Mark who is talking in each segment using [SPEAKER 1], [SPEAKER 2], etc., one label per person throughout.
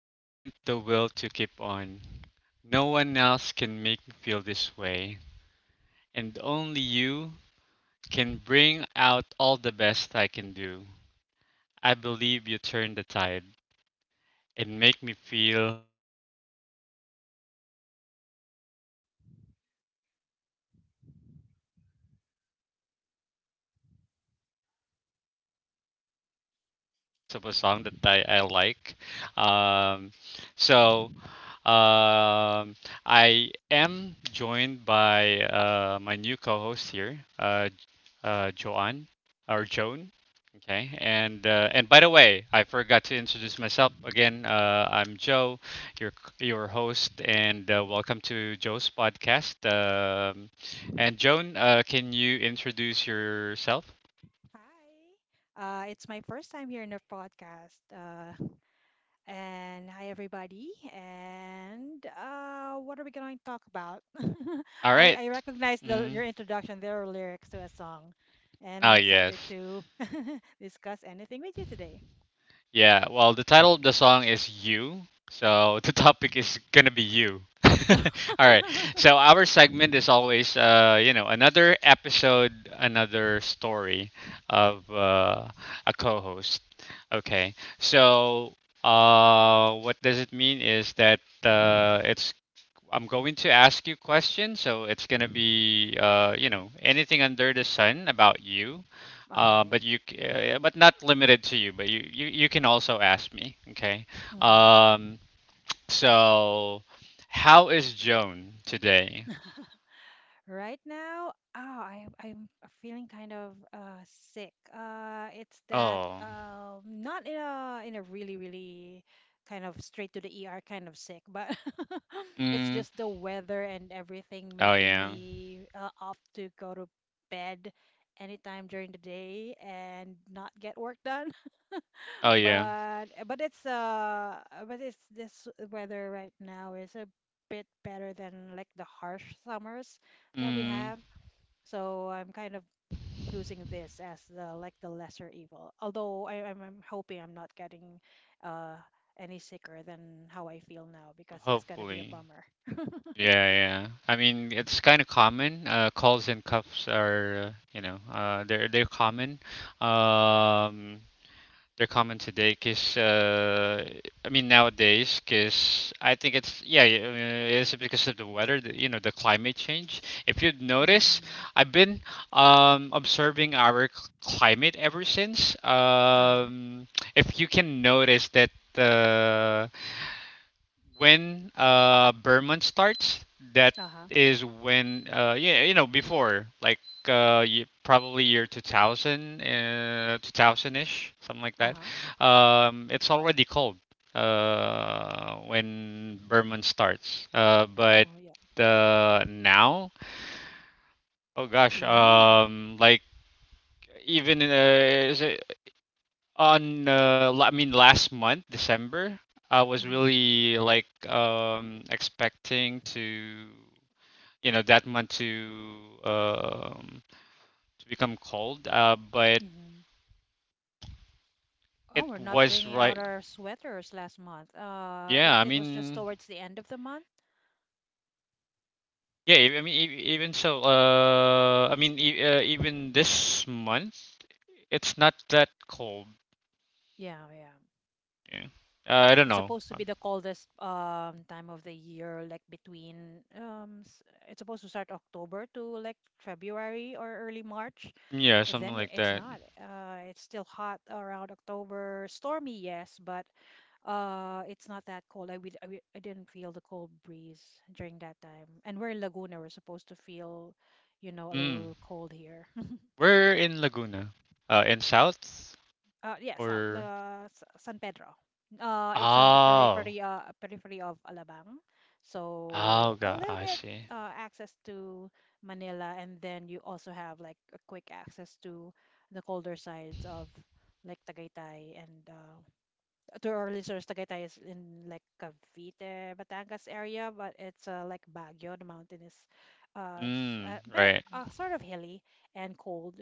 [SPEAKER 1] the strength, the will to keep on. No one else can make me feel this way, and only you can bring out all the best I can do. I believe you turn the tide and make me feel real good inside. Probably, listeners, you're wondering what I just said. And I also don't know. It's just the lyrics of a song that I like. Um, so, Um, I am joined by my new co-host here, Joanne or Joan. Okay, and by the way, I forgot to introduce myself again. I'm Joe, your your host, and welcome to Joe's podcast. And Joan, can you introduce yourself?
[SPEAKER 2] Hi. It's my first time here in the podcast. And hi, everybody. And what are we going to talk about?
[SPEAKER 1] All
[SPEAKER 2] I,
[SPEAKER 1] right.
[SPEAKER 2] I recognize
[SPEAKER 1] Mm.
[SPEAKER 2] your introduction. There are lyrics to a song. And
[SPEAKER 1] Oh
[SPEAKER 2] I'm
[SPEAKER 1] yes.
[SPEAKER 2] excited to discuss anything with you today.
[SPEAKER 1] Yeah, well, the title of the song is You, so the topic is gonna be you.
[SPEAKER 2] All
[SPEAKER 1] All right, so our segment is always, you know, another episode, another story of a co host. Okay, so what does it mean is that it's I'm going to ask you questions, so it's gonna be you know anything under the sun about you,
[SPEAKER 2] right.
[SPEAKER 1] but but not limited to you, but you can also ask me, okay?
[SPEAKER 2] Mm-hmm.
[SPEAKER 1] Um, so how is Joan today?
[SPEAKER 2] Right now, oh, I'm feeling kind of sick. It's that
[SPEAKER 1] Oh,
[SPEAKER 2] not in a really kind of straight to the ER kind of sick, but it's
[SPEAKER 1] mm,
[SPEAKER 2] just the weather and everything
[SPEAKER 1] oh
[SPEAKER 2] making
[SPEAKER 1] yeah,
[SPEAKER 2] me off to go to bed anytime during the day and not get work done.
[SPEAKER 1] oh yeah,
[SPEAKER 2] but eh, but it's this weather right now is a bit better than like the harsh summers that we
[SPEAKER 1] mm,
[SPEAKER 2] have. So I'm kind of choosing this as the lesser evil. Although I'm hoping I'm not getting uh any sicker than how I feel now because it's gonna be a
[SPEAKER 1] hopefully,
[SPEAKER 2] bummer.
[SPEAKER 1] yeah, yeah. I mean, it's kind of common. Calls and cuffs are you know they're common. Um, they're common today because I mean nowadays because I think it's it's because of the weather you know the climate change if you notice
[SPEAKER 2] Mm-hmm.
[SPEAKER 1] I've been observing our climate ever since
[SPEAKER 2] Uh-huh.
[SPEAKER 1] if you can notice that uh, when Berman starts, that
[SPEAKER 2] Uh-huh.
[SPEAKER 1] is when yeah, you know, before like probably year 2000 2000ish, something like that.
[SPEAKER 2] Uh-huh.
[SPEAKER 1] It's already cold when Berman starts. But
[SPEAKER 2] Oh yeah.
[SPEAKER 1] now, oh gosh,
[SPEAKER 2] Yeah.
[SPEAKER 1] like even in is it on I mean last month, December, I was really like expecting to you know that month um to become cold. But
[SPEAKER 2] Mm-hmm.
[SPEAKER 1] it
[SPEAKER 2] Oh, we're not
[SPEAKER 1] was
[SPEAKER 2] bringing out
[SPEAKER 1] right.
[SPEAKER 2] our sweaters last month.
[SPEAKER 1] Yeah, I
[SPEAKER 2] It was just
[SPEAKER 1] mean,
[SPEAKER 2] towards the end of the month.
[SPEAKER 1] yeah, I mean even so, I mean even this month, it's not that cold.
[SPEAKER 2] Yeah, yeah.
[SPEAKER 1] Yeah, I don't
[SPEAKER 2] It's
[SPEAKER 1] know.
[SPEAKER 2] supposed to be the coldest time of the year, like between it's supposed to start October to like February or early March.
[SPEAKER 1] Yeah,
[SPEAKER 2] And
[SPEAKER 1] something
[SPEAKER 2] then
[SPEAKER 1] like
[SPEAKER 2] it's
[SPEAKER 1] that.
[SPEAKER 2] not. It's still hot around October. Stormy, yes, but it's not that cold. I, we I, would- I didn't feel the cold breeze during that time. And we're in Laguna. We're supposed to feel, you know, a
[SPEAKER 1] Mm.
[SPEAKER 2] little cold here.
[SPEAKER 1] We're in Laguna, in South
[SPEAKER 2] Yeah, South,
[SPEAKER 1] or.
[SPEAKER 2] San Pedro. It's on the
[SPEAKER 1] Oh.
[SPEAKER 2] periphery, of Alabang, so
[SPEAKER 1] Oh,
[SPEAKER 2] a
[SPEAKER 1] god,
[SPEAKER 2] little
[SPEAKER 1] I
[SPEAKER 2] bit
[SPEAKER 1] see.
[SPEAKER 2] access to Manila, and then you also have like a quick access to the colder sides of like Tagaytay and to our listeners, Tagaytay is in like Cavite, Batangas area, but it's like Baguio. The mountain is
[SPEAKER 1] Mm, right.
[SPEAKER 2] sort of hilly and cold,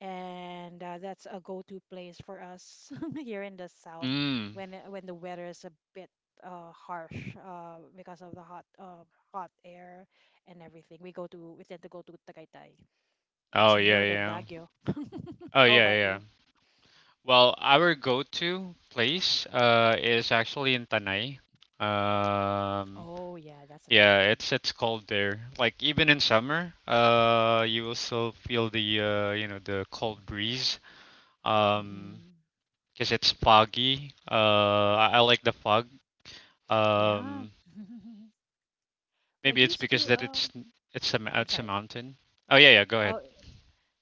[SPEAKER 2] and that's a go-to place for us here in the south
[SPEAKER 1] Mm.
[SPEAKER 2] when when the weather is a bit harsh because of the hot hot air and everything. We tend to go to Tagaytay.
[SPEAKER 1] Oh,
[SPEAKER 2] It's
[SPEAKER 1] yeah,
[SPEAKER 2] nearer than
[SPEAKER 1] yeah.
[SPEAKER 2] Baguio.
[SPEAKER 1] Oh,
[SPEAKER 2] How
[SPEAKER 1] yeah,
[SPEAKER 2] about
[SPEAKER 1] yeah.
[SPEAKER 2] you?
[SPEAKER 1] Well, our go-to place is actually in Tanay. Um,
[SPEAKER 2] Oh yeah, that's another
[SPEAKER 1] yeah,
[SPEAKER 2] one.
[SPEAKER 1] it's cold there. Like even in summer, you will still feel the you know the cold breeze. Um,
[SPEAKER 2] Hmm.
[SPEAKER 1] because it's foggy. I like the fog.
[SPEAKER 2] Yeah.
[SPEAKER 1] Um,
[SPEAKER 2] Well, I
[SPEAKER 1] Maybe it's
[SPEAKER 2] used
[SPEAKER 1] because
[SPEAKER 2] to
[SPEAKER 1] that it's a
[SPEAKER 2] I'm sorry.
[SPEAKER 1] mountain. Oh yeah, yeah, go ahead.
[SPEAKER 2] Oh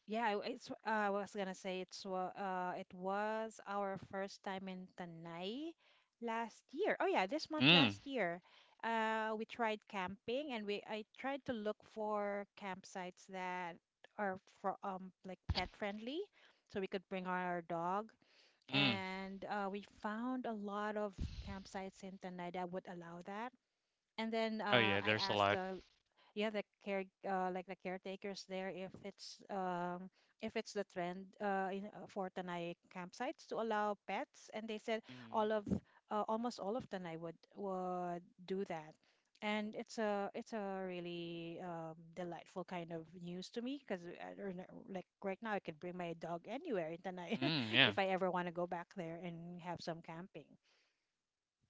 [SPEAKER 2] yeah, it's I was gonna say it's it was our first time in Tanay last year. Oh yeah, this month
[SPEAKER 1] Mm,
[SPEAKER 2] last year. We tried camping and we I tried to look for campsites that are for like pet friendly so we could bring our dog
[SPEAKER 1] mm.
[SPEAKER 2] and we found a lot of campsites in Tanay that would allow that. And then
[SPEAKER 1] Oh yeah,
[SPEAKER 2] I
[SPEAKER 1] there's a
[SPEAKER 2] asked
[SPEAKER 1] lot.
[SPEAKER 2] the caretakers there if it's the trend in for Tanay campsites to allow pets, and they said
[SPEAKER 1] Mm-hmm.
[SPEAKER 2] all of almost all of Tanay would do that, and it's a really delightful kind of news to me because I don't know, like right now I could bring my dog anywhere in Tanay
[SPEAKER 1] Mm, yeah.
[SPEAKER 2] if I ever want to go back there and have some camping.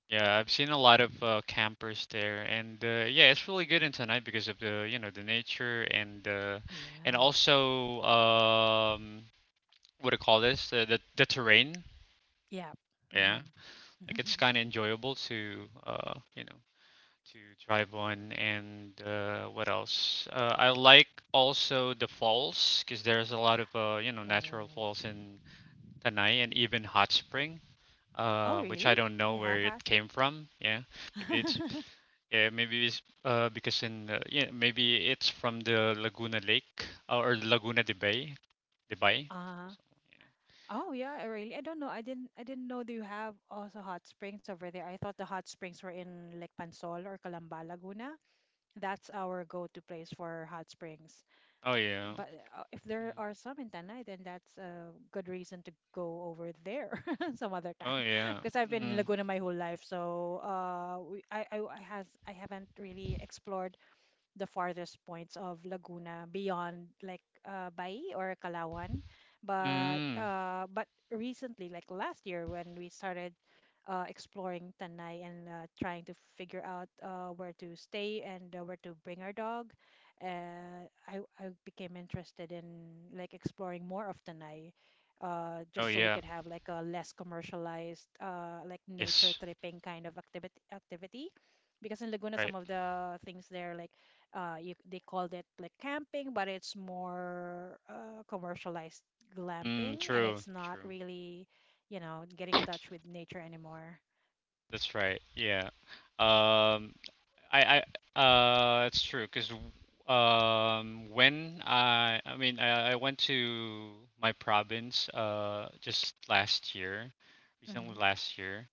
[SPEAKER 1] Yeah, I've seen a lot of campers there, and yeah, it's really good in Tanai because of the you know the nature and
[SPEAKER 2] Yeah,
[SPEAKER 1] also what do you call this? The terrain.
[SPEAKER 2] yeah.
[SPEAKER 1] Yeah,
[SPEAKER 2] Hmm.
[SPEAKER 1] like it's kind of enjoyable to you know to drive on, and what else? I like also the falls because there's a lot of you know natural
[SPEAKER 2] Oh.
[SPEAKER 1] falls in Tanai and even hot springs
[SPEAKER 2] Oh
[SPEAKER 1] which I
[SPEAKER 2] really,
[SPEAKER 1] don't know
[SPEAKER 2] you
[SPEAKER 1] where
[SPEAKER 2] have had.
[SPEAKER 1] it came from. Yeah, maybe it's yeah, maybe it's because in yeah, maybe it's from the Laguna Lake or Laguna de Bay, de Bay.
[SPEAKER 2] Uh-huh. Oh yeah, really? I don't know. I didn't know that you have also hot springs over there. I thought the hot springs were in like Pansol or Calamba, Laguna. That's our go-to place for hot springs.
[SPEAKER 1] So yeah. Oh yeah,
[SPEAKER 2] But if there are some in Tanay, then that's a good reason to go over there some other time.
[SPEAKER 1] oh yeah,
[SPEAKER 2] Because I've been in
[SPEAKER 1] mm,
[SPEAKER 2] Laguna my whole life, so we, I has I haven't really explored the farthest points of Laguna beyond like Bai or Kalawan. But
[SPEAKER 1] mm,
[SPEAKER 2] uh, but recently, like last year, when we started exploring Tanay and trying to figure out where to stay and where to bring our dog, I became interested in like exploring more of Tanay.
[SPEAKER 1] oh
[SPEAKER 2] Just so we
[SPEAKER 1] yeah,
[SPEAKER 2] could have like a less commercialized, like nature
[SPEAKER 1] yes,
[SPEAKER 2] tripping kind of activity, because in Laguna,
[SPEAKER 1] right,
[SPEAKER 2] some of the things there, like they called it like camping, but it's more commercialized
[SPEAKER 1] mm,
[SPEAKER 2] glamping, and
[SPEAKER 1] true,
[SPEAKER 2] it's not
[SPEAKER 1] true.
[SPEAKER 2] really, you know, getting in touch with nature anymore.
[SPEAKER 1] That's right. Yeah. Um, I I It's true because when I mean I went to my province just last year, recently
[SPEAKER 2] Hmm.
[SPEAKER 1] last year.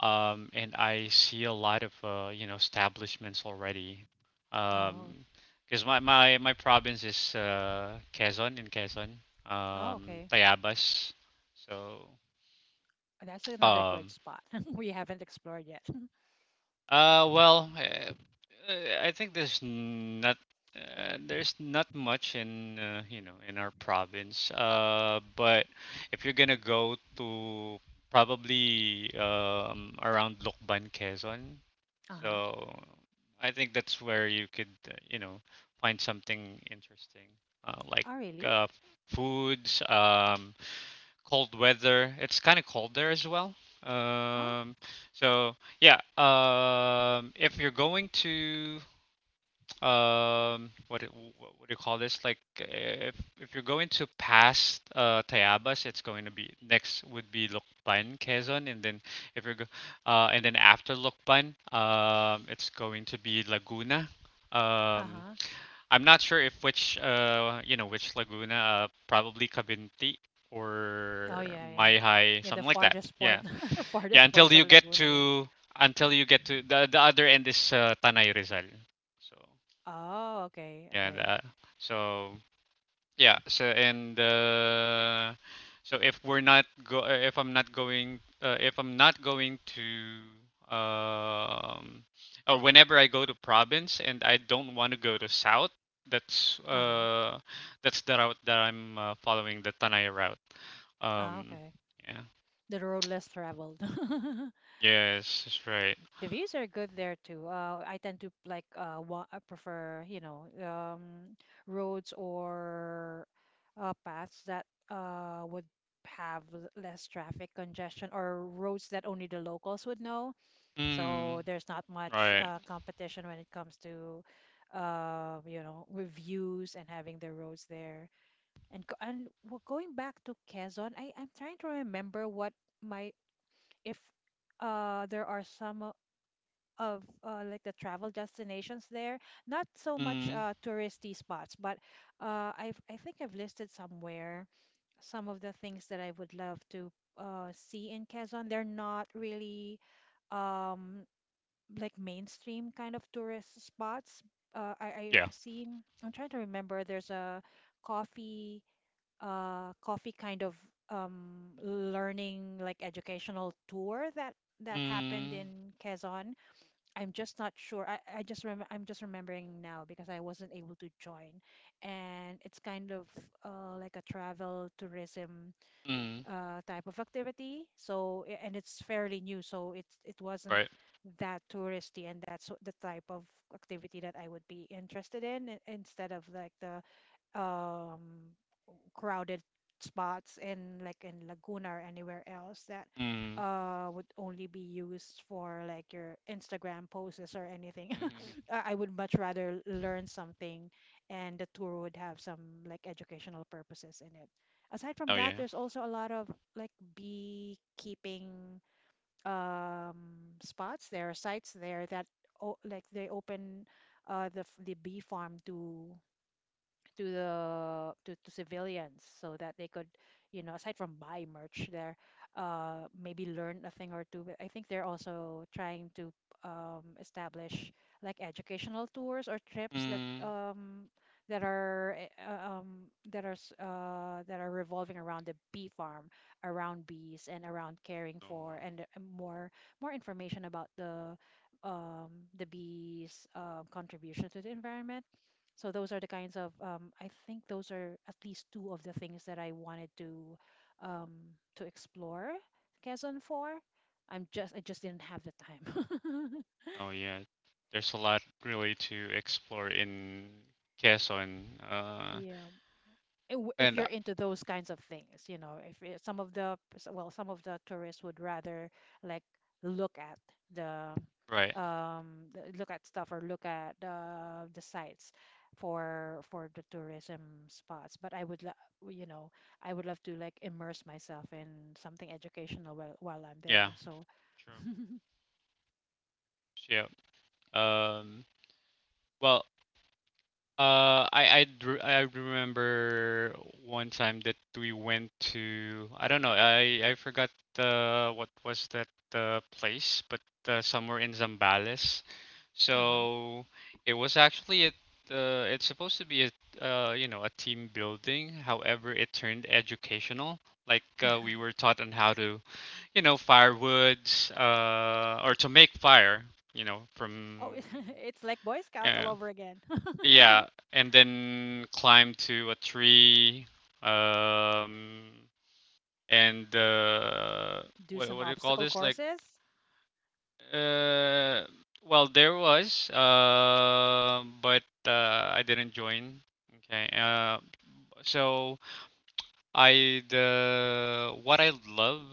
[SPEAKER 1] And I see a lot of you know establishments already.
[SPEAKER 2] Oh.
[SPEAKER 1] Um because my province is Quezon in Quezon,
[SPEAKER 2] Oh okay.
[SPEAKER 1] Tayabas. So
[SPEAKER 2] That's another good
[SPEAKER 1] um
[SPEAKER 2] spot. We haven't explored yet.
[SPEAKER 1] Uh, well, uh, uh, I think there's not much in you know in our province. But if you're gonna go to probably around Lukban, Quezon,
[SPEAKER 2] Uh-huh.
[SPEAKER 1] so I think that's where you could you know find something interesting, uh, like
[SPEAKER 2] Oh really.
[SPEAKER 1] uh, foods. Cold weather. It's kind of cold there as well.
[SPEAKER 2] Oh.
[SPEAKER 1] Um, so yeah, if you're going to um, what it- what do you call this? Like if you're going to pass Tayabas, it's going to be next would be Lukban, Quezon, and then if you're go, and then after Lukban, it's going to be Laguna. Um,
[SPEAKER 2] Uh-huh.
[SPEAKER 1] I'm not sure if which you know which Laguna probably Cavinti
[SPEAKER 2] Oh
[SPEAKER 1] or
[SPEAKER 2] yeah, yeah. Yeah,
[SPEAKER 1] Maihai
[SPEAKER 2] the
[SPEAKER 1] something like that.
[SPEAKER 2] farthest point,
[SPEAKER 1] Yeah.
[SPEAKER 2] the farthest
[SPEAKER 1] Yeah,
[SPEAKER 2] points
[SPEAKER 1] until
[SPEAKER 2] of
[SPEAKER 1] you get
[SPEAKER 2] Laguna. Yeah.
[SPEAKER 1] to until you get to the other end is Tanay Rizal. So,
[SPEAKER 2] Oh okay,
[SPEAKER 1] yeah,
[SPEAKER 2] okay.
[SPEAKER 1] the, so yeah. So and if we're not go if I'm not going if I'm not going to or whenever I go to province and I don't want to go to south, that's
[SPEAKER 2] Uh-huh.
[SPEAKER 1] uh that's the route that I'm following the Tanay route.
[SPEAKER 2] Oh
[SPEAKER 1] Um.
[SPEAKER 2] okay.
[SPEAKER 1] Yeah.
[SPEAKER 2] The road less traveled.
[SPEAKER 1] Yes. That's right.
[SPEAKER 2] The views are good there too. I tend to like I prefer, you know, roads or paths that would have less traffic congestion or roads that only the locals would know.
[SPEAKER 1] Mm.
[SPEAKER 2] So there's not much
[SPEAKER 1] Right.
[SPEAKER 2] competition when it comes to you know, reviews and having the roads there. And going back to Quezon, I'm trying to remember what my if there are some of like the travel destinations there. Not so much
[SPEAKER 1] Mm.
[SPEAKER 2] touristy spots, but I think I've listed somewhere some of the things that I would love to see in Quezon. They're not really um, like mainstream kind of tourist spots.
[SPEAKER 1] Yeah.
[SPEAKER 2] I've seen, I'm trying to remember, there's a coffee, coffee kind of learning, like educational tour that happened
[SPEAKER 1] Mm.
[SPEAKER 2] in Quezon. I'm just not sure. I'm just remembering now because I wasn't able to join. And it's kind of like a travel tourism
[SPEAKER 1] Mm.
[SPEAKER 2] type of activity. So and it's fairly new, so it wasn't
[SPEAKER 1] Right.
[SPEAKER 2] that touristy, and the type of activity that I would be interested in, instead of like the um crowded spots in like in Laguna or anywhere else that
[SPEAKER 1] Mm.
[SPEAKER 2] would only be used for like your Instagram posts or anything.
[SPEAKER 1] hmm
[SPEAKER 2] I would much rather learn something, and the tour would have some like educational purposes in it. Aside from
[SPEAKER 1] Oh
[SPEAKER 2] that,
[SPEAKER 1] yeah.
[SPEAKER 2] there's also a lot of like beekeeping spots. There are sites there that o like they open the bee farm to to the to civilians so that they could, you know, aside from buy merch there, maybe learn a thing or two, but I think they're also trying to establish like educational tours or trips
[SPEAKER 1] Mm.
[SPEAKER 2] that are that are revolving around the bee farm, around bees, and around caring
[SPEAKER 1] Oh,
[SPEAKER 2] for
[SPEAKER 1] wow.
[SPEAKER 2] and more information about um the bees' contribution to the environment. So those are the kinds of I think those are at least two of the things that I wanted um, to explore Quezon for. I just didn't have the time.
[SPEAKER 1] Oh yeah, there's a lot really to explore in Quezon. Uh,
[SPEAKER 2] Yeah, if
[SPEAKER 1] and
[SPEAKER 2] you're into those kinds of things, you know, if it- some of the well, some of the tourists would rather like look at the
[SPEAKER 1] right,
[SPEAKER 2] look at stuff or look at the sites for the tourism spots, but I would you know, I would love to like immerse myself in something educational while I'm
[SPEAKER 1] yeah,
[SPEAKER 2] there, so
[SPEAKER 1] true. Yeah. Um, well, I remember one time that we went to I don't know I forgot what was that place but somewhere in Zambales,
[SPEAKER 2] uh-huh.
[SPEAKER 1] so it was actually a it's supposed to be a you know a team building. However, it turned educational. Like we were taught on how to you know firewoods or to make fire you know from.
[SPEAKER 2] Oh. It's like boy scout all
[SPEAKER 1] Yeah.
[SPEAKER 2] over again.
[SPEAKER 1] Yeah, and then climb to a tree. Um, and
[SPEAKER 2] Do some
[SPEAKER 1] what do you call
[SPEAKER 2] obstacle
[SPEAKER 1] this? Like,
[SPEAKER 2] courses.
[SPEAKER 1] uh, well, there was, but I didn't join. Okay. So I the what I love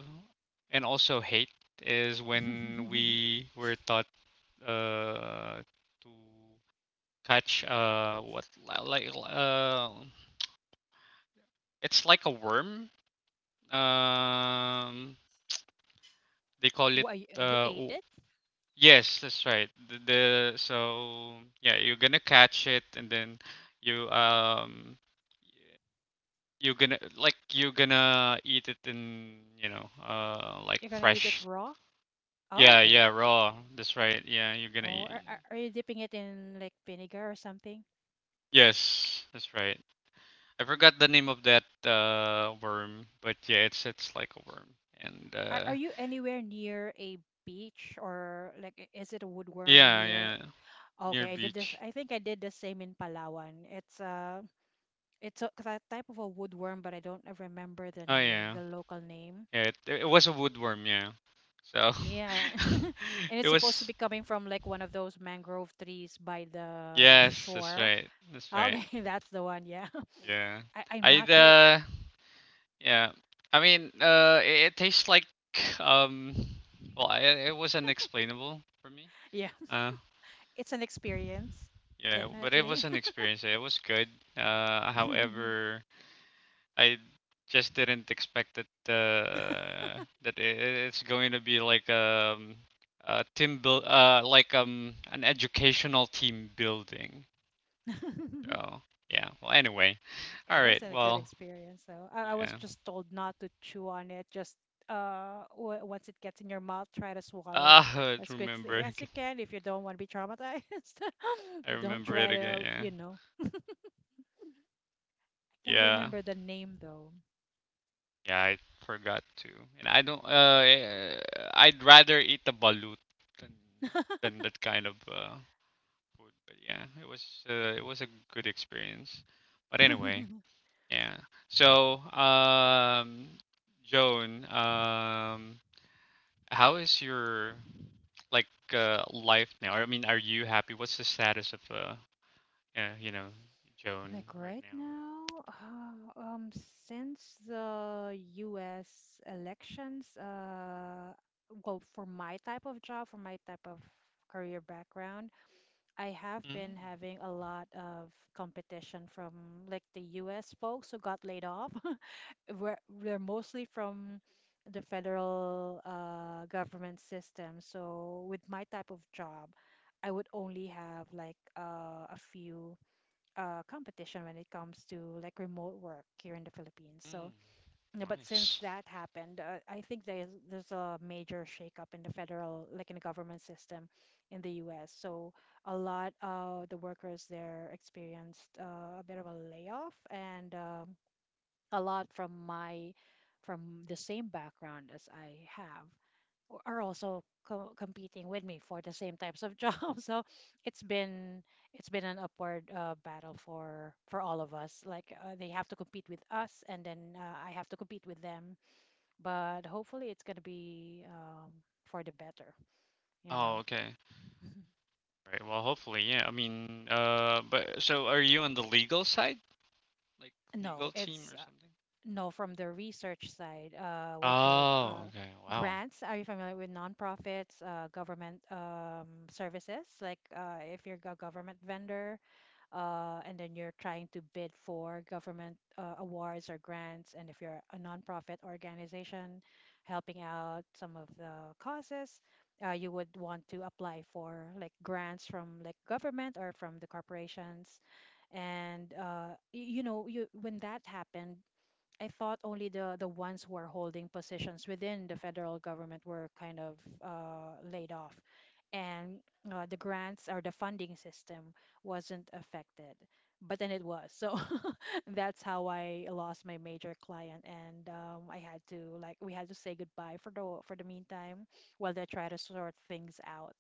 [SPEAKER 1] and also hate is when we were taught uh to catch like it's like a worm. Um, they call it.
[SPEAKER 2] What, you
[SPEAKER 1] Uh,
[SPEAKER 2] ate
[SPEAKER 1] o-
[SPEAKER 2] it?
[SPEAKER 1] yes, that's right. The so yeah, you're gonna catch it, and then you um you're gonna you're gonna eat it in you know like
[SPEAKER 2] You're gonna eat it
[SPEAKER 1] fresh.
[SPEAKER 2] raw? Oh
[SPEAKER 1] Yeah,
[SPEAKER 2] okay.
[SPEAKER 1] yeah, raw. That's right. Yeah, you're gonna
[SPEAKER 2] Oh,
[SPEAKER 1] eat.
[SPEAKER 2] are you dipping it in like vinegar or something?
[SPEAKER 1] Yes, that's right. I forgot the name of that worm, but yeah, it's like a worm, and
[SPEAKER 2] Are you anywhere near a beach, or like is it a woodworm
[SPEAKER 1] yeah,
[SPEAKER 2] near?
[SPEAKER 1] yeah, near
[SPEAKER 2] Okay, I did this.
[SPEAKER 1] beach.
[SPEAKER 2] I think I did the same in Palawan. It's a type of a woodworm, but I don't remember the
[SPEAKER 1] Oh
[SPEAKER 2] name,
[SPEAKER 1] yeah.
[SPEAKER 2] the local name.
[SPEAKER 1] Yeah, it was a woodworm, yeah. So
[SPEAKER 2] Yeah, and
[SPEAKER 1] it
[SPEAKER 2] it's supposed to
[SPEAKER 1] was
[SPEAKER 2] be coming from like one of those mangrove trees by the
[SPEAKER 1] yes, that's
[SPEAKER 2] shore.
[SPEAKER 1] right. That's right.
[SPEAKER 2] Okay, that's the one. Yeah,
[SPEAKER 1] Yeah.
[SPEAKER 2] I'm
[SPEAKER 1] I
[SPEAKER 2] not sure.
[SPEAKER 1] yeah. I mean, it tastes like um well, it was unexplainable for me.
[SPEAKER 2] Yeah,
[SPEAKER 1] Uh
[SPEAKER 2] it's an experience,
[SPEAKER 1] yeah, but it was
[SPEAKER 2] definitely.
[SPEAKER 1] an experience. It was good. However, I just didn't expect that it's going to be like a team build an educational team building. So yeah. Well, anyway. All
[SPEAKER 2] It
[SPEAKER 1] right.
[SPEAKER 2] wasn't a good
[SPEAKER 1] Well,
[SPEAKER 2] experience, though. I was
[SPEAKER 1] yeah.
[SPEAKER 2] just told not to chew on it. Just w once it gets in your mouth, try to swallow it
[SPEAKER 1] Ah, I
[SPEAKER 2] as
[SPEAKER 1] remember.
[SPEAKER 2] quickly as
[SPEAKER 1] Ag-
[SPEAKER 2] you can if you don't want to be traumatized.
[SPEAKER 1] I
[SPEAKER 2] Don't
[SPEAKER 1] remember it
[SPEAKER 2] try
[SPEAKER 1] again.
[SPEAKER 2] to,
[SPEAKER 1] Yeah.
[SPEAKER 2] you know. I can't
[SPEAKER 1] Yeah.
[SPEAKER 2] remember the name though.
[SPEAKER 1] Yeah. I forgot to. And I don't. I'd rather eat the balut than that kind of food, but yeah, it was a good experience. But anyway, yeah. So, Joan, how is your like life now? I mean, are you happy? What's the status of you know, Joan
[SPEAKER 2] Like
[SPEAKER 1] right
[SPEAKER 2] right
[SPEAKER 1] now?
[SPEAKER 2] now, since the U.S. elections, well, for my type of job, for my type of career background, I have been
[SPEAKER 1] Mm,
[SPEAKER 2] having a lot of competition from like the U.S. folks who got laid off. Where they're mostly from the federal government system. So with my type of job, I would only have like a few competition when it comes to like remote work here in the Philippines.
[SPEAKER 1] mm,
[SPEAKER 2] But since
[SPEAKER 1] nice.
[SPEAKER 2] that happened, I think there's a major shakeup in the federal, like in the government system in the U.S. So a lot of the workers there experienced a bit of a layoff, and a lot from my from the same background as I have are also co competing with me for the same types of jobs. So it's been it's been an upward battle for all of us. Like they have to compete with us, and then I have to compete with them, but hopefully it's gonna be for the better, you
[SPEAKER 1] Oh,
[SPEAKER 2] know.
[SPEAKER 1] okay. Right. Well, hopefully, yeah. I mean, but so are you on the legal side, like
[SPEAKER 2] No,
[SPEAKER 1] legal team
[SPEAKER 2] it's
[SPEAKER 1] or something?
[SPEAKER 2] no, from the research side. With your
[SPEAKER 1] Oh, okay. Wow.
[SPEAKER 2] grants, are you familiar with nonprofits, government services? Like if you're a government vendor, and then you're trying to bid for government awards or grants. And if you're a nonprofit organization helping out some of the causes, you would want to apply for like grants from like government or from the corporations. And you know, you when that happened, I thought only the ones who are holding positions within the federal government were kind of laid off, and the grants or the funding system wasn't affected. But then it was, so that's how I lost my major client, and I had to like we had to say goodbye for the meantime while they try to sort things out,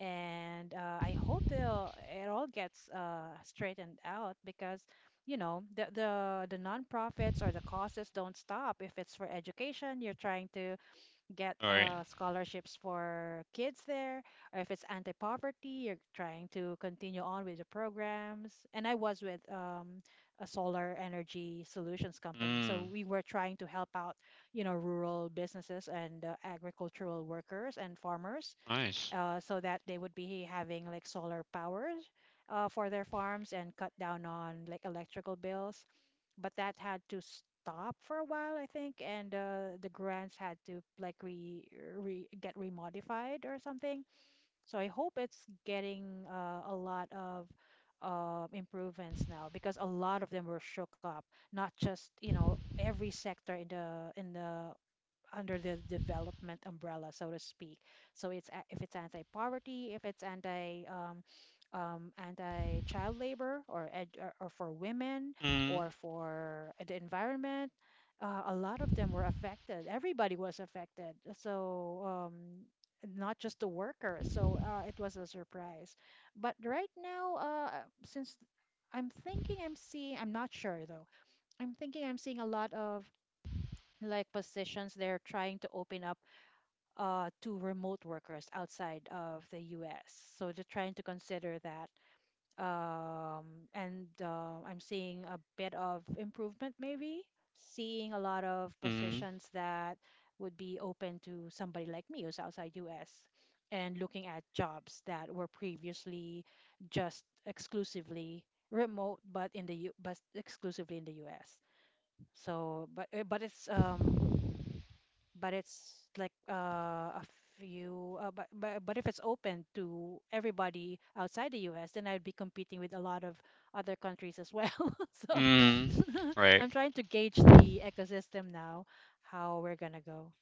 [SPEAKER 2] and I hope they'll, it all gets straightened out because, you know, the nonprofits or the causes don't stop. If it's for education, you're trying to get
[SPEAKER 1] All right.
[SPEAKER 2] scholarships for kids there, or if it's anti-poverty, you're trying to continue on with the programs. And I was with a solar energy solutions company, so
[SPEAKER 1] Mm.
[SPEAKER 2] we were trying to help out, you know, rural businesses and agricultural workers and farmers
[SPEAKER 1] Nice.
[SPEAKER 2] so that they would be having like solar power for their farms and cut down on like electrical bills. But that had to stop for a while, I think, and the grants had to like re, re get remodified or something. So I hope it's getting a lot of improvements now because a lot of them were shook up. Not just you know every sector in the under the development umbrella, so to speak. So if it's anti-poverty, if it's anti-child labor or or for women,
[SPEAKER 1] Mm,
[SPEAKER 2] or for the environment, a lot of them were affected. Everybody was affected. So um, not just the workers. So it was a surprise. But right now, since I'm thinking I'm seeing, I'm not sure though. I'm thinking I'm seeing a lot of like positions they're trying to open up to remote workers outside of the US. So they're trying to consider that. Um, and I'm seeing a bit of improvement, maybe, seeing a lot of
[SPEAKER 1] mm,
[SPEAKER 2] positions that would be open to somebody like me who's outside U.S. and looking at jobs that were previously just exclusively remote but in the U but exclusively in the US. So but eh, but it's like a few but if it's open to everybody outside the U.S., then I'd be competing with a lot of other countries as well. so
[SPEAKER 1] mm. Right.
[SPEAKER 2] I'm trying to gauge
[SPEAKER 1] Well,
[SPEAKER 2] the ecosystem now, how we're gonna go.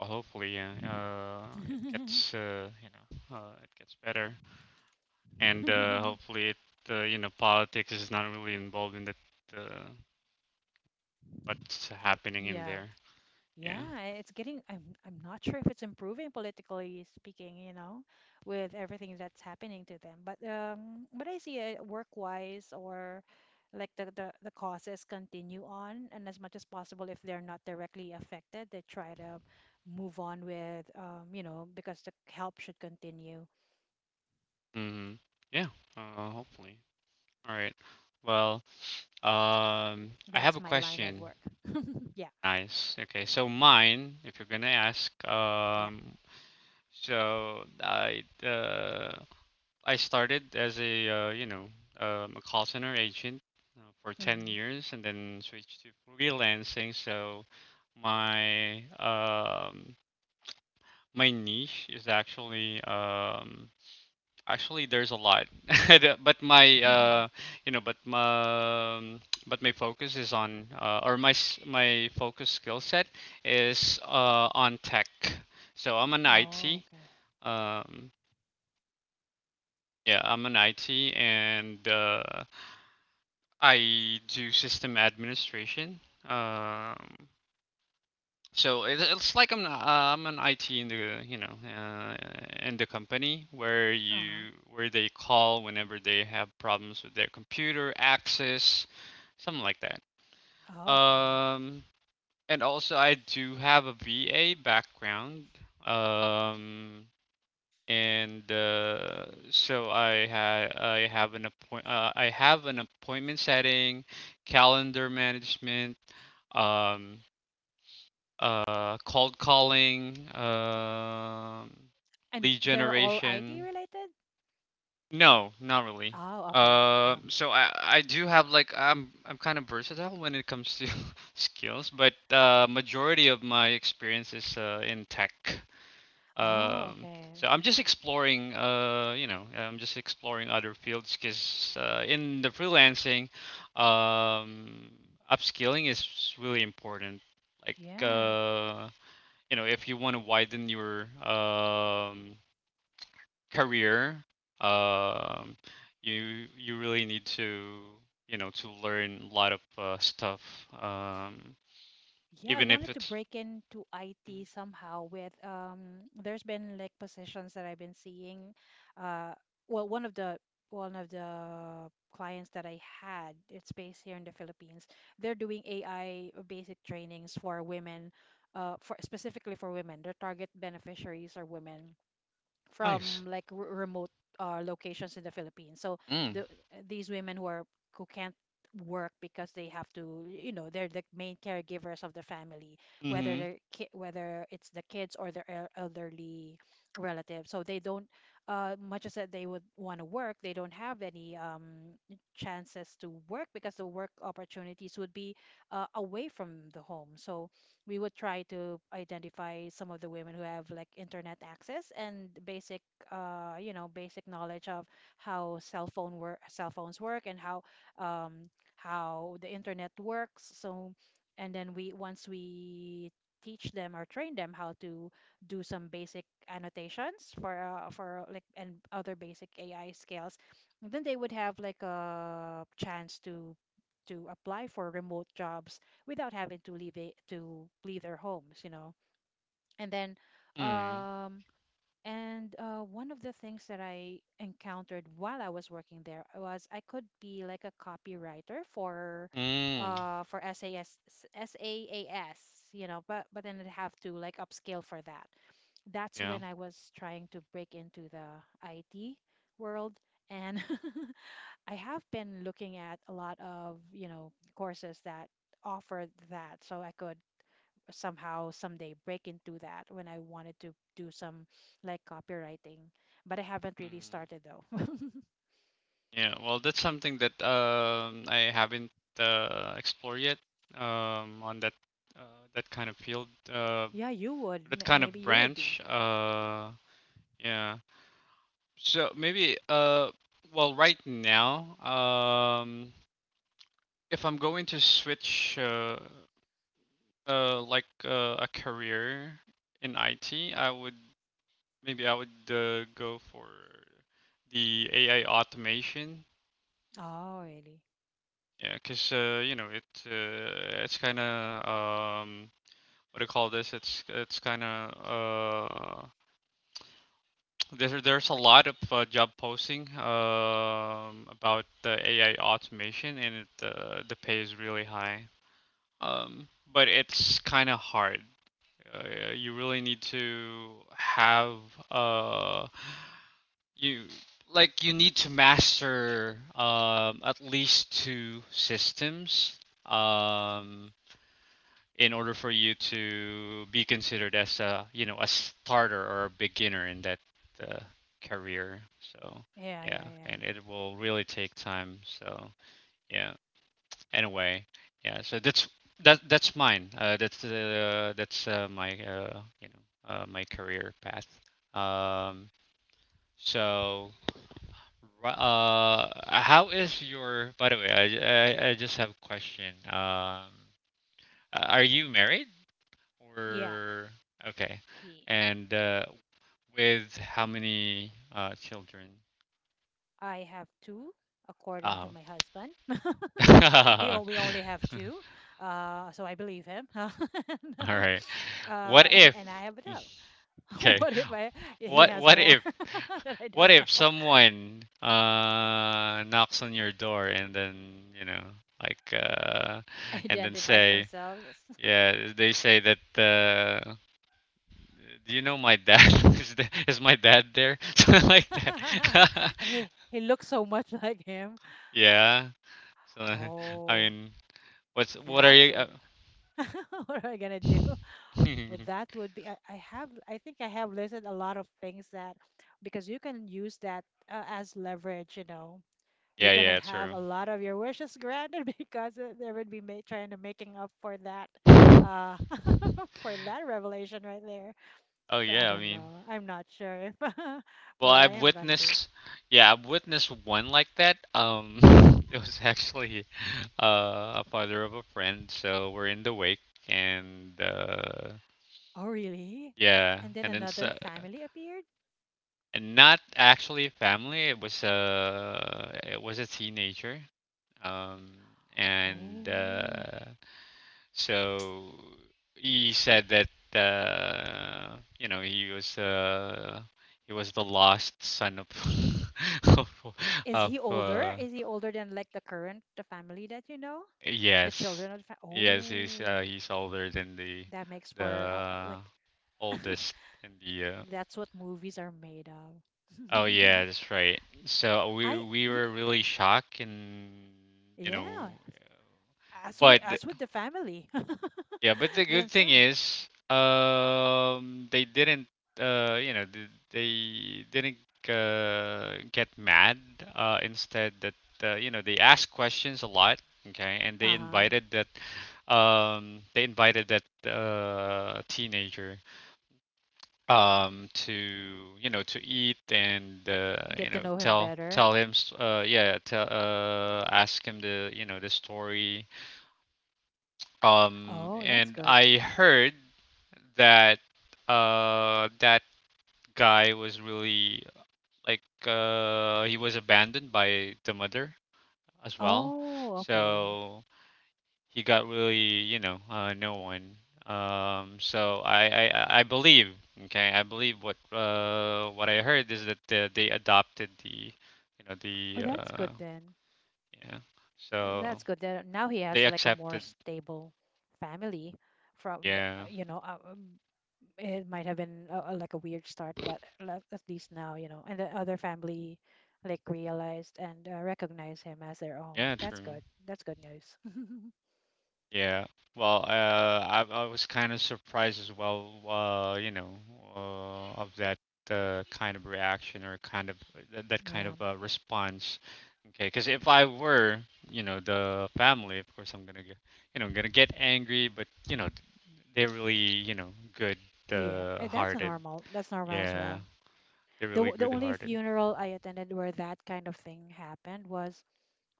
[SPEAKER 1] hopefully, it gets, you know, it gets better, and hopefully, you know, politics is not really involved in that, uh, what's
[SPEAKER 2] Y-
[SPEAKER 1] happening in
[SPEAKER 2] yeah
[SPEAKER 1] there. Yeah.
[SPEAKER 2] yeah, it's getting, I'm not sure if it's improving politically speaking, you know, with everything that's happening to them. But I see it work-wise or like the causes continue on, and as much as possible, if they're not directly affected, they try to move on with, you know, because the help should continue.
[SPEAKER 1] Mm-hmm. Yeah. Hopefully. All right. Well, I have
[SPEAKER 2] That's
[SPEAKER 1] a
[SPEAKER 2] my line of
[SPEAKER 1] question.
[SPEAKER 2] work. Yeah,
[SPEAKER 1] Nice. Okay. So mine, if you're gonna ask,
[SPEAKER 2] yeah.
[SPEAKER 1] so I started as a you know a call center agent for 10
[SPEAKER 2] Hmm.
[SPEAKER 1] years and then switched to freelancing. So my um, my niche is actually actually there's a lot, but my you know but my focus is on or my focus skill set is on tech. So I'm an
[SPEAKER 2] Oh,
[SPEAKER 1] IT.
[SPEAKER 2] okay.
[SPEAKER 1] Um, yeah, I'm an IT and I do system administration. Um, so it's like I'm an IT in the you know in the company where
[SPEAKER 2] Uh-huh.
[SPEAKER 1] you where they call whenever they have problems with their computer access, something like that.
[SPEAKER 2] Oh, okay.
[SPEAKER 1] Um, and also I do have a VA background. Um, and so I have an appointment setting calendar management um, cold calling,
[SPEAKER 2] And
[SPEAKER 1] lead
[SPEAKER 2] they're all IT
[SPEAKER 1] generation.
[SPEAKER 2] related?
[SPEAKER 1] No, not really.
[SPEAKER 2] Oh, okay.
[SPEAKER 1] Uh,
[SPEAKER 2] Oh.
[SPEAKER 1] so I do have like I'm kind of versatile when it comes to skills, but majority of my experience is in tech.
[SPEAKER 2] Oh,
[SPEAKER 1] Um,
[SPEAKER 2] okay.
[SPEAKER 1] so I'm just exploring, I'm just exploring other fields because in the freelancing, um, upskilling is really important. Like
[SPEAKER 2] Yeah.
[SPEAKER 1] uh, if you want to widen your career, um, you really need to to learn a lot of stuff, um,
[SPEAKER 2] Yeah, I
[SPEAKER 1] even if
[SPEAKER 2] wanted to
[SPEAKER 1] it's
[SPEAKER 2] break into IT somehow with there's been like positions that I've been seeing. Uh well, one of the clients that I had, it's based here in the Philippines. They're doing AI basic trainings for women, uh, for specifically for women. Their target beneficiaries are women,
[SPEAKER 1] nice.
[SPEAKER 2] from like remote locations in the Philippines. So
[SPEAKER 1] Mm.
[SPEAKER 2] the these women who are who can't work because they have to, you know, they're the main caregivers of the family, whether
[SPEAKER 1] Mm-hmm.
[SPEAKER 2] they're whether it's the kids or their elderly relatives. So they don't, much as that they would want to work, they don't have any chances to work because the work opportunities would be away from the home. So we would try to identify some of the women who have like internet access and basic you know basic knowledge of how cell phone work cell phones work and um how the internet works, so and then we once we teach them or train them how to do some basic annotations for and other basic AI skills, then they would have like a chance to apply for remote jobs without having to leave it to leave their homes, you know. And then
[SPEAKER 1] Mm.
[SPEAKER 2] um and one of the things that I encountered while I was working there was I could be like a copywriter for
[SPEAKER 1] Mm.
[SPEAKER 2] uh for SAS SAAS, you know, but then I'd have to like upscale for that. That's
[SPEAKER 1] Yeah.
[SPEAKER 2] when I was trying to break into the IT world, and I have been looking at a lot of, you know, courses that offer that so I could somehow someday break into that when I wanted to do some like copywriting. But I haven't really
[SPEAKER 1] Mm.
[SPEAKER 2] started though.
[SPEAKER 1] Yeah. Well, that's something that I haven't explored yet on that uh, that kind of field,
[SPEAKER 2] Yeah, you would.
[SPEAKER 1] that kind of
[SPEAKER 2] Maybe you would be.
[SPEAKER 1] branch. Yeah. So maybe well right now, if I'm going to switch a career in IT, I would maybe I would go for the AI automation.
[SPEAKER 2] Oh, really?
[SPEAKER 1] Yeah because uh, you know, it's kind of what do you call this it's kind of there's a lot of job posting about the AI automation, and the pay is really high. But it's kind of hard. You really need to have uh, you like you need to master at least two systems. Um, in order for you to be considered as a a starter or a beginner in that uh, career. So
[SPEAKER 2] Yeah,
[SPEAKER 1] yeah,
[SPEAKER 2] yeah, yeah.
[SPEAKER 1] and it will really take time. Yeah, anyway, So that's mine. That's my you know my career path. Um, so how is your? By the way, I just have a question. Are you married?
[SPEAKER 2] Yeah,
[SPEAKER 1] Or okay,
[SPEAKER 2] ye-
[SPEAKER 1] and with how many children?
[SPEAKER 2] I have two, according to
[SPEAKER 1] Oh.
[SPEAKER 2] my husband.
[SPEAKER 1] All
[SPEAKER 2] We only have two, so I believe him.
[SPEAKER 1] right. What
[SPEAKER 2] And I
[SPEAKER 1] if?
[SPEAKER 2] have a no.
[SPEAKER 1] Okay.
[SPEAKER 2] What if I he
[SPEAKER 1] What
[SPEAKER 2] has
[SPEAKER 1] what
[SPEAKER 2] more
[SPEAKER 1] if
[SPEAKER 2] that I
[SPEAKER 1] what
[SPEAKER 2] don't
[SPEAKER 1] if
[SPEAKER 2] know?
[SPEAKER 1] someone knocks on your door and then you know like uh and then
[SPEAKER 2] Identifies
[SPEAKER 1] say
[SPEAKER 2] themselves.
[SPEAKER 1] yeah, they say that do you know my dad is my dad there something like that.
[SPEAKER 2] He looks so much like him.
[SPEAKER 1] Yeah. So, I
[SPEAKER 2] Oh,
[SPEAKER 1] mean, what are
[SPEAKER 2] that
[SPEAKER 1] you?
[SPEAKER 2] would what am I gonna do? Well, that would be I have I think I have listed a lot of things that because you can use that as leverage, you know. You're gonna
[SPEAKER 1] Yeah,
[SPEAKER 2] have
[SPEAKER 1] true.
[SPEAKER 2] a lot of your wishes granted because there would be ma trying to making up for that uh for that revelation right there.
[SPEAKER 1] Oh
[SPEAKER 2] So I
[SPEAKER 1] yeah, I
[SPEAKER 2] don't
[SPEAKER 1] mean,
[SPEAKER 2] know. I'm not sure if
[SPEAKER 1] well,
[SPEAKER 2] what I am gonna do.
[SPEAKER 1] I've witnessed one like that. It was actually a father of a friend, so we're in the wake, and
[SPEAKER 2] Oh, really? And then
[SPEAKER 1] then
[SPEAKER 2] another
[SPEAKER 1] so,
[SPEAKER 2] family appeared?
[SPEAKER 1] and not actually family. It was a teenager. Um, and
[SPEAKER 2] Oh.
[SPEAKER 1] So he said that he was the lost son of of,
[SPEAKER 2] Is
[SPEAKER 1] of
[SPEAKER 2] he older? Is he older than like the current the family that you know? The
[SPEAKER 1] yes.
[SPEAKER 2] children of the family? Oh.
[SPEAKER 1] He's older than
[SPEAKER 2] That makes for
[SPEAKER 1] the
[SPEAKER 2] like
[SPEAKER 1] oldest in the
[SPEAKER 2] that's what movies are made of.
[SPEAKER 1] oh yeah, that's right. So we
[SPEAKER 2] I
[SPEAKER 1] we
[SPEAKER 2] yeah,
[SPEAKER 1] were really shocked and, you know
[SPEAKER 2] yeah.
[SPEAKER 1] but
[SPEAKER 2] As with the family
[SPEAKER 1] yeah, but the good thing
[SPEAKER 2] themselves.
[SPEAKER 1] is, they didn't, they didn't get mad. Instead, they asked questions a lot. Okay, and
[SPEAKER 2] Uh-huh.
[SPEAKER 1] they invited that teenager, to you know, to eat and
[SPEAKER 2] Get to know him better.
[SPEAKER 1] tell him, ask him the the story.
[SPEAKER 2] Oh, that's
[SPEAKER 1] And
[SPEAKER 2] good.
[SPEAKER 1] I heard that uh that guy was really like, he was abandoned by the mother as well.
[SPEAKER 2] Oh, okay.
[SPEAKER 1] So he got really, you know, no one. So I believe, okay, I believe what I heard is that they adopted the, you know
[SPEAKER 2] Oh,
[SPEAKER 1] the
[SPEAKER 2] that's
[SPEAKER 1] uh
[SPEAKER 2] good then.
[SPEAKER 1] yeah. So
[SPEAKER 2] That's good. That now he
[SPEAKER 1] they
[SPEAKER 2] has like a more
[SPEAKER 1] accepted.
[SPEAKER 2] stable family from,
[SPEAKER 1] Yeah.
[SPEAKER 2] you know, it might have been a, like a weird start, but at least now, you know, and the other family like realized and recognize him as their own.
[SPEAKER 1] Yeah,
[SPEAKER 2] That's
[SPEAKER 1] true.
[SPEAKER 2] good. That's good news.
[SPEAKER 1] Yeah. Well, I was kind of surprised as well, you know, of that kind of reaction or kind of that kind
[SPEAKER 2] Yeah.
[SPEAKER 1] of response. Okay, because if I were, you know, the family, of course I'm gonna get, you know, I'm gonna get angry, but you know, they're really, you know, good
[SPEAKER 2] Yeah. That's a
[SPEAKER 1] hearted.
[SPEAKER 2] normal. That's normal as
[SPEAKER 1] Yeah,
[SPEAKER 2] well.
[SPEAKER 1] they're really
[SPEAKER 2] The
[SPEAKER 1] good
[SPEAKER 2] only
[SPEAKER 1] hearted.
[SPEAKER 2] funeral I attended where that kind of thing happened was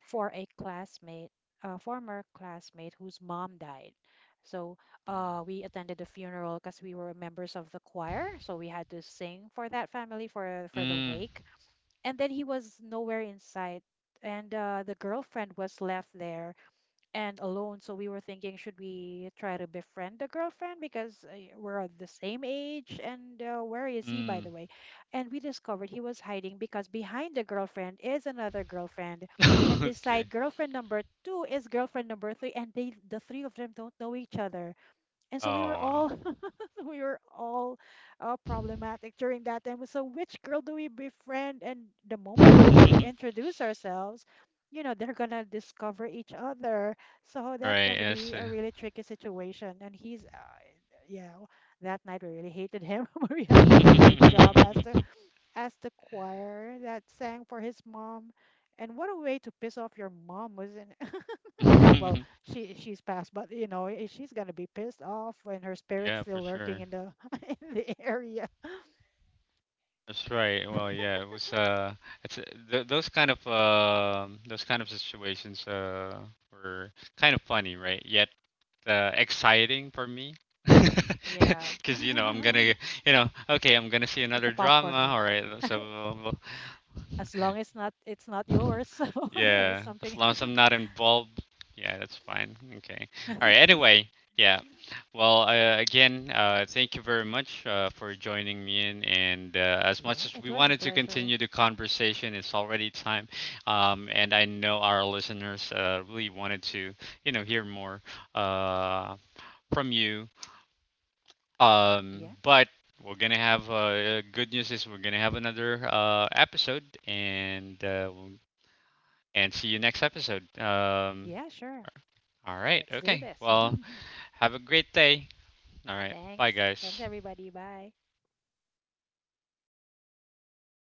[SPEAKER 2] for a classmate, a former classmate whose mom died. So we attended the funeral because we were members of the choir, so we had to sing for that family for the
[SPEAKER 1] Mm.
[SPEAKER 2] wake. And then he was nowhere in sight, and the girlfriend was left there and alone. So we were thinking, should we try to befriend the girlfriend because we're of the same age? And where is he, by
[SPEAKER 1] Mm.
[SPEAKER 2] the way? And we discovered he was hiding because behind the girlfriend is another girlfriend. And
[SPEAKER 1] Mm.
[SPEAKER 2] beside girlfriend number two is girlfriend number three. And the three of them don't know each other. And
[SPEAKER 1] Oh,
[SPEAKER 2] so we were
[SPEAKER 1] wow.
[SPEAKER 2] all we were all problematic during that time. So which girl do we befriend? And the moment we introduce ourselves, you know, they're gonna discover each other. So that's
[SPEAKER 1] Right,
[SPEAKER 2] gonna
[SPEAKER 1] yes.
[SPEAKER 2] be a really tricky situation. And he's, yeah, that night we really hated him. But we had to do our job as the choir that sang for his mom. And what a way to piss off your mom, wasn't well she's passed but you know she's gonna be pissed off when her spirit's
[SPEAKER 1] Yeah, for
[SPEAKER 2] still lurking
[SPEAKER 1] sure.
[SPEAKER 2] in the in the area.
[SPEAKER 1] That's right. Well, yeah, it was it's th- those kind of situations were kind of funny, right? Yet exciting for me,
[SPEAKER 2] Yeah.
[SPEAKER 1] because you know, okay, I'm gonna see
[SPEAKER 2] It's a
[SPEAKER 1] another drama.
[SPEAKER 2] popcorn
[SPEAKER 1] All
[SPEAKER 2] moment,
[SPEAKER 1] right. So
[SPEAKER 2] as long as not it's not yours. so it's
[SPEAKER 1] yeah, as
[SPEAKER 2] something
[SPEAKER 1] long as I'm not involved, yeah, that's fine. Okay. All right. Anyway, yeah. Well, again, thank you very much for joining me in. And as much
[SPEAKER 2] Yeah,
[SPEAKER 1] as
[SPEAKER 2] it
[SPEAKER 1] we
[SPEAKER 2] was a
[SPEAKER 1] wanted to
[SPEAKER 2] pleasure.
[SPEAKER 1] continue the conversation, it's already time. And I know our listeners really wanted to, you know, hear more uh, from you.
[SPEAKER 2] Yeah.
[SPEAKER 1] But we're gonna have good news is we're gonna have another episode, and we're and see you next episode.
[SPEAKER 2] Yeah, sure.
[SPEAKER 1] All right.
[SPEAKER 2] Let's do
[SPEAKER 1] Okay.
[SPEAKER 2] this.
[SPEAKER 1] Well, have a great day. All right. Bye,
[SPEAKER 2] Thanks. Thanks,
[SPEAKER 1] guys.
[SPEAKER 2] everybody. Bye.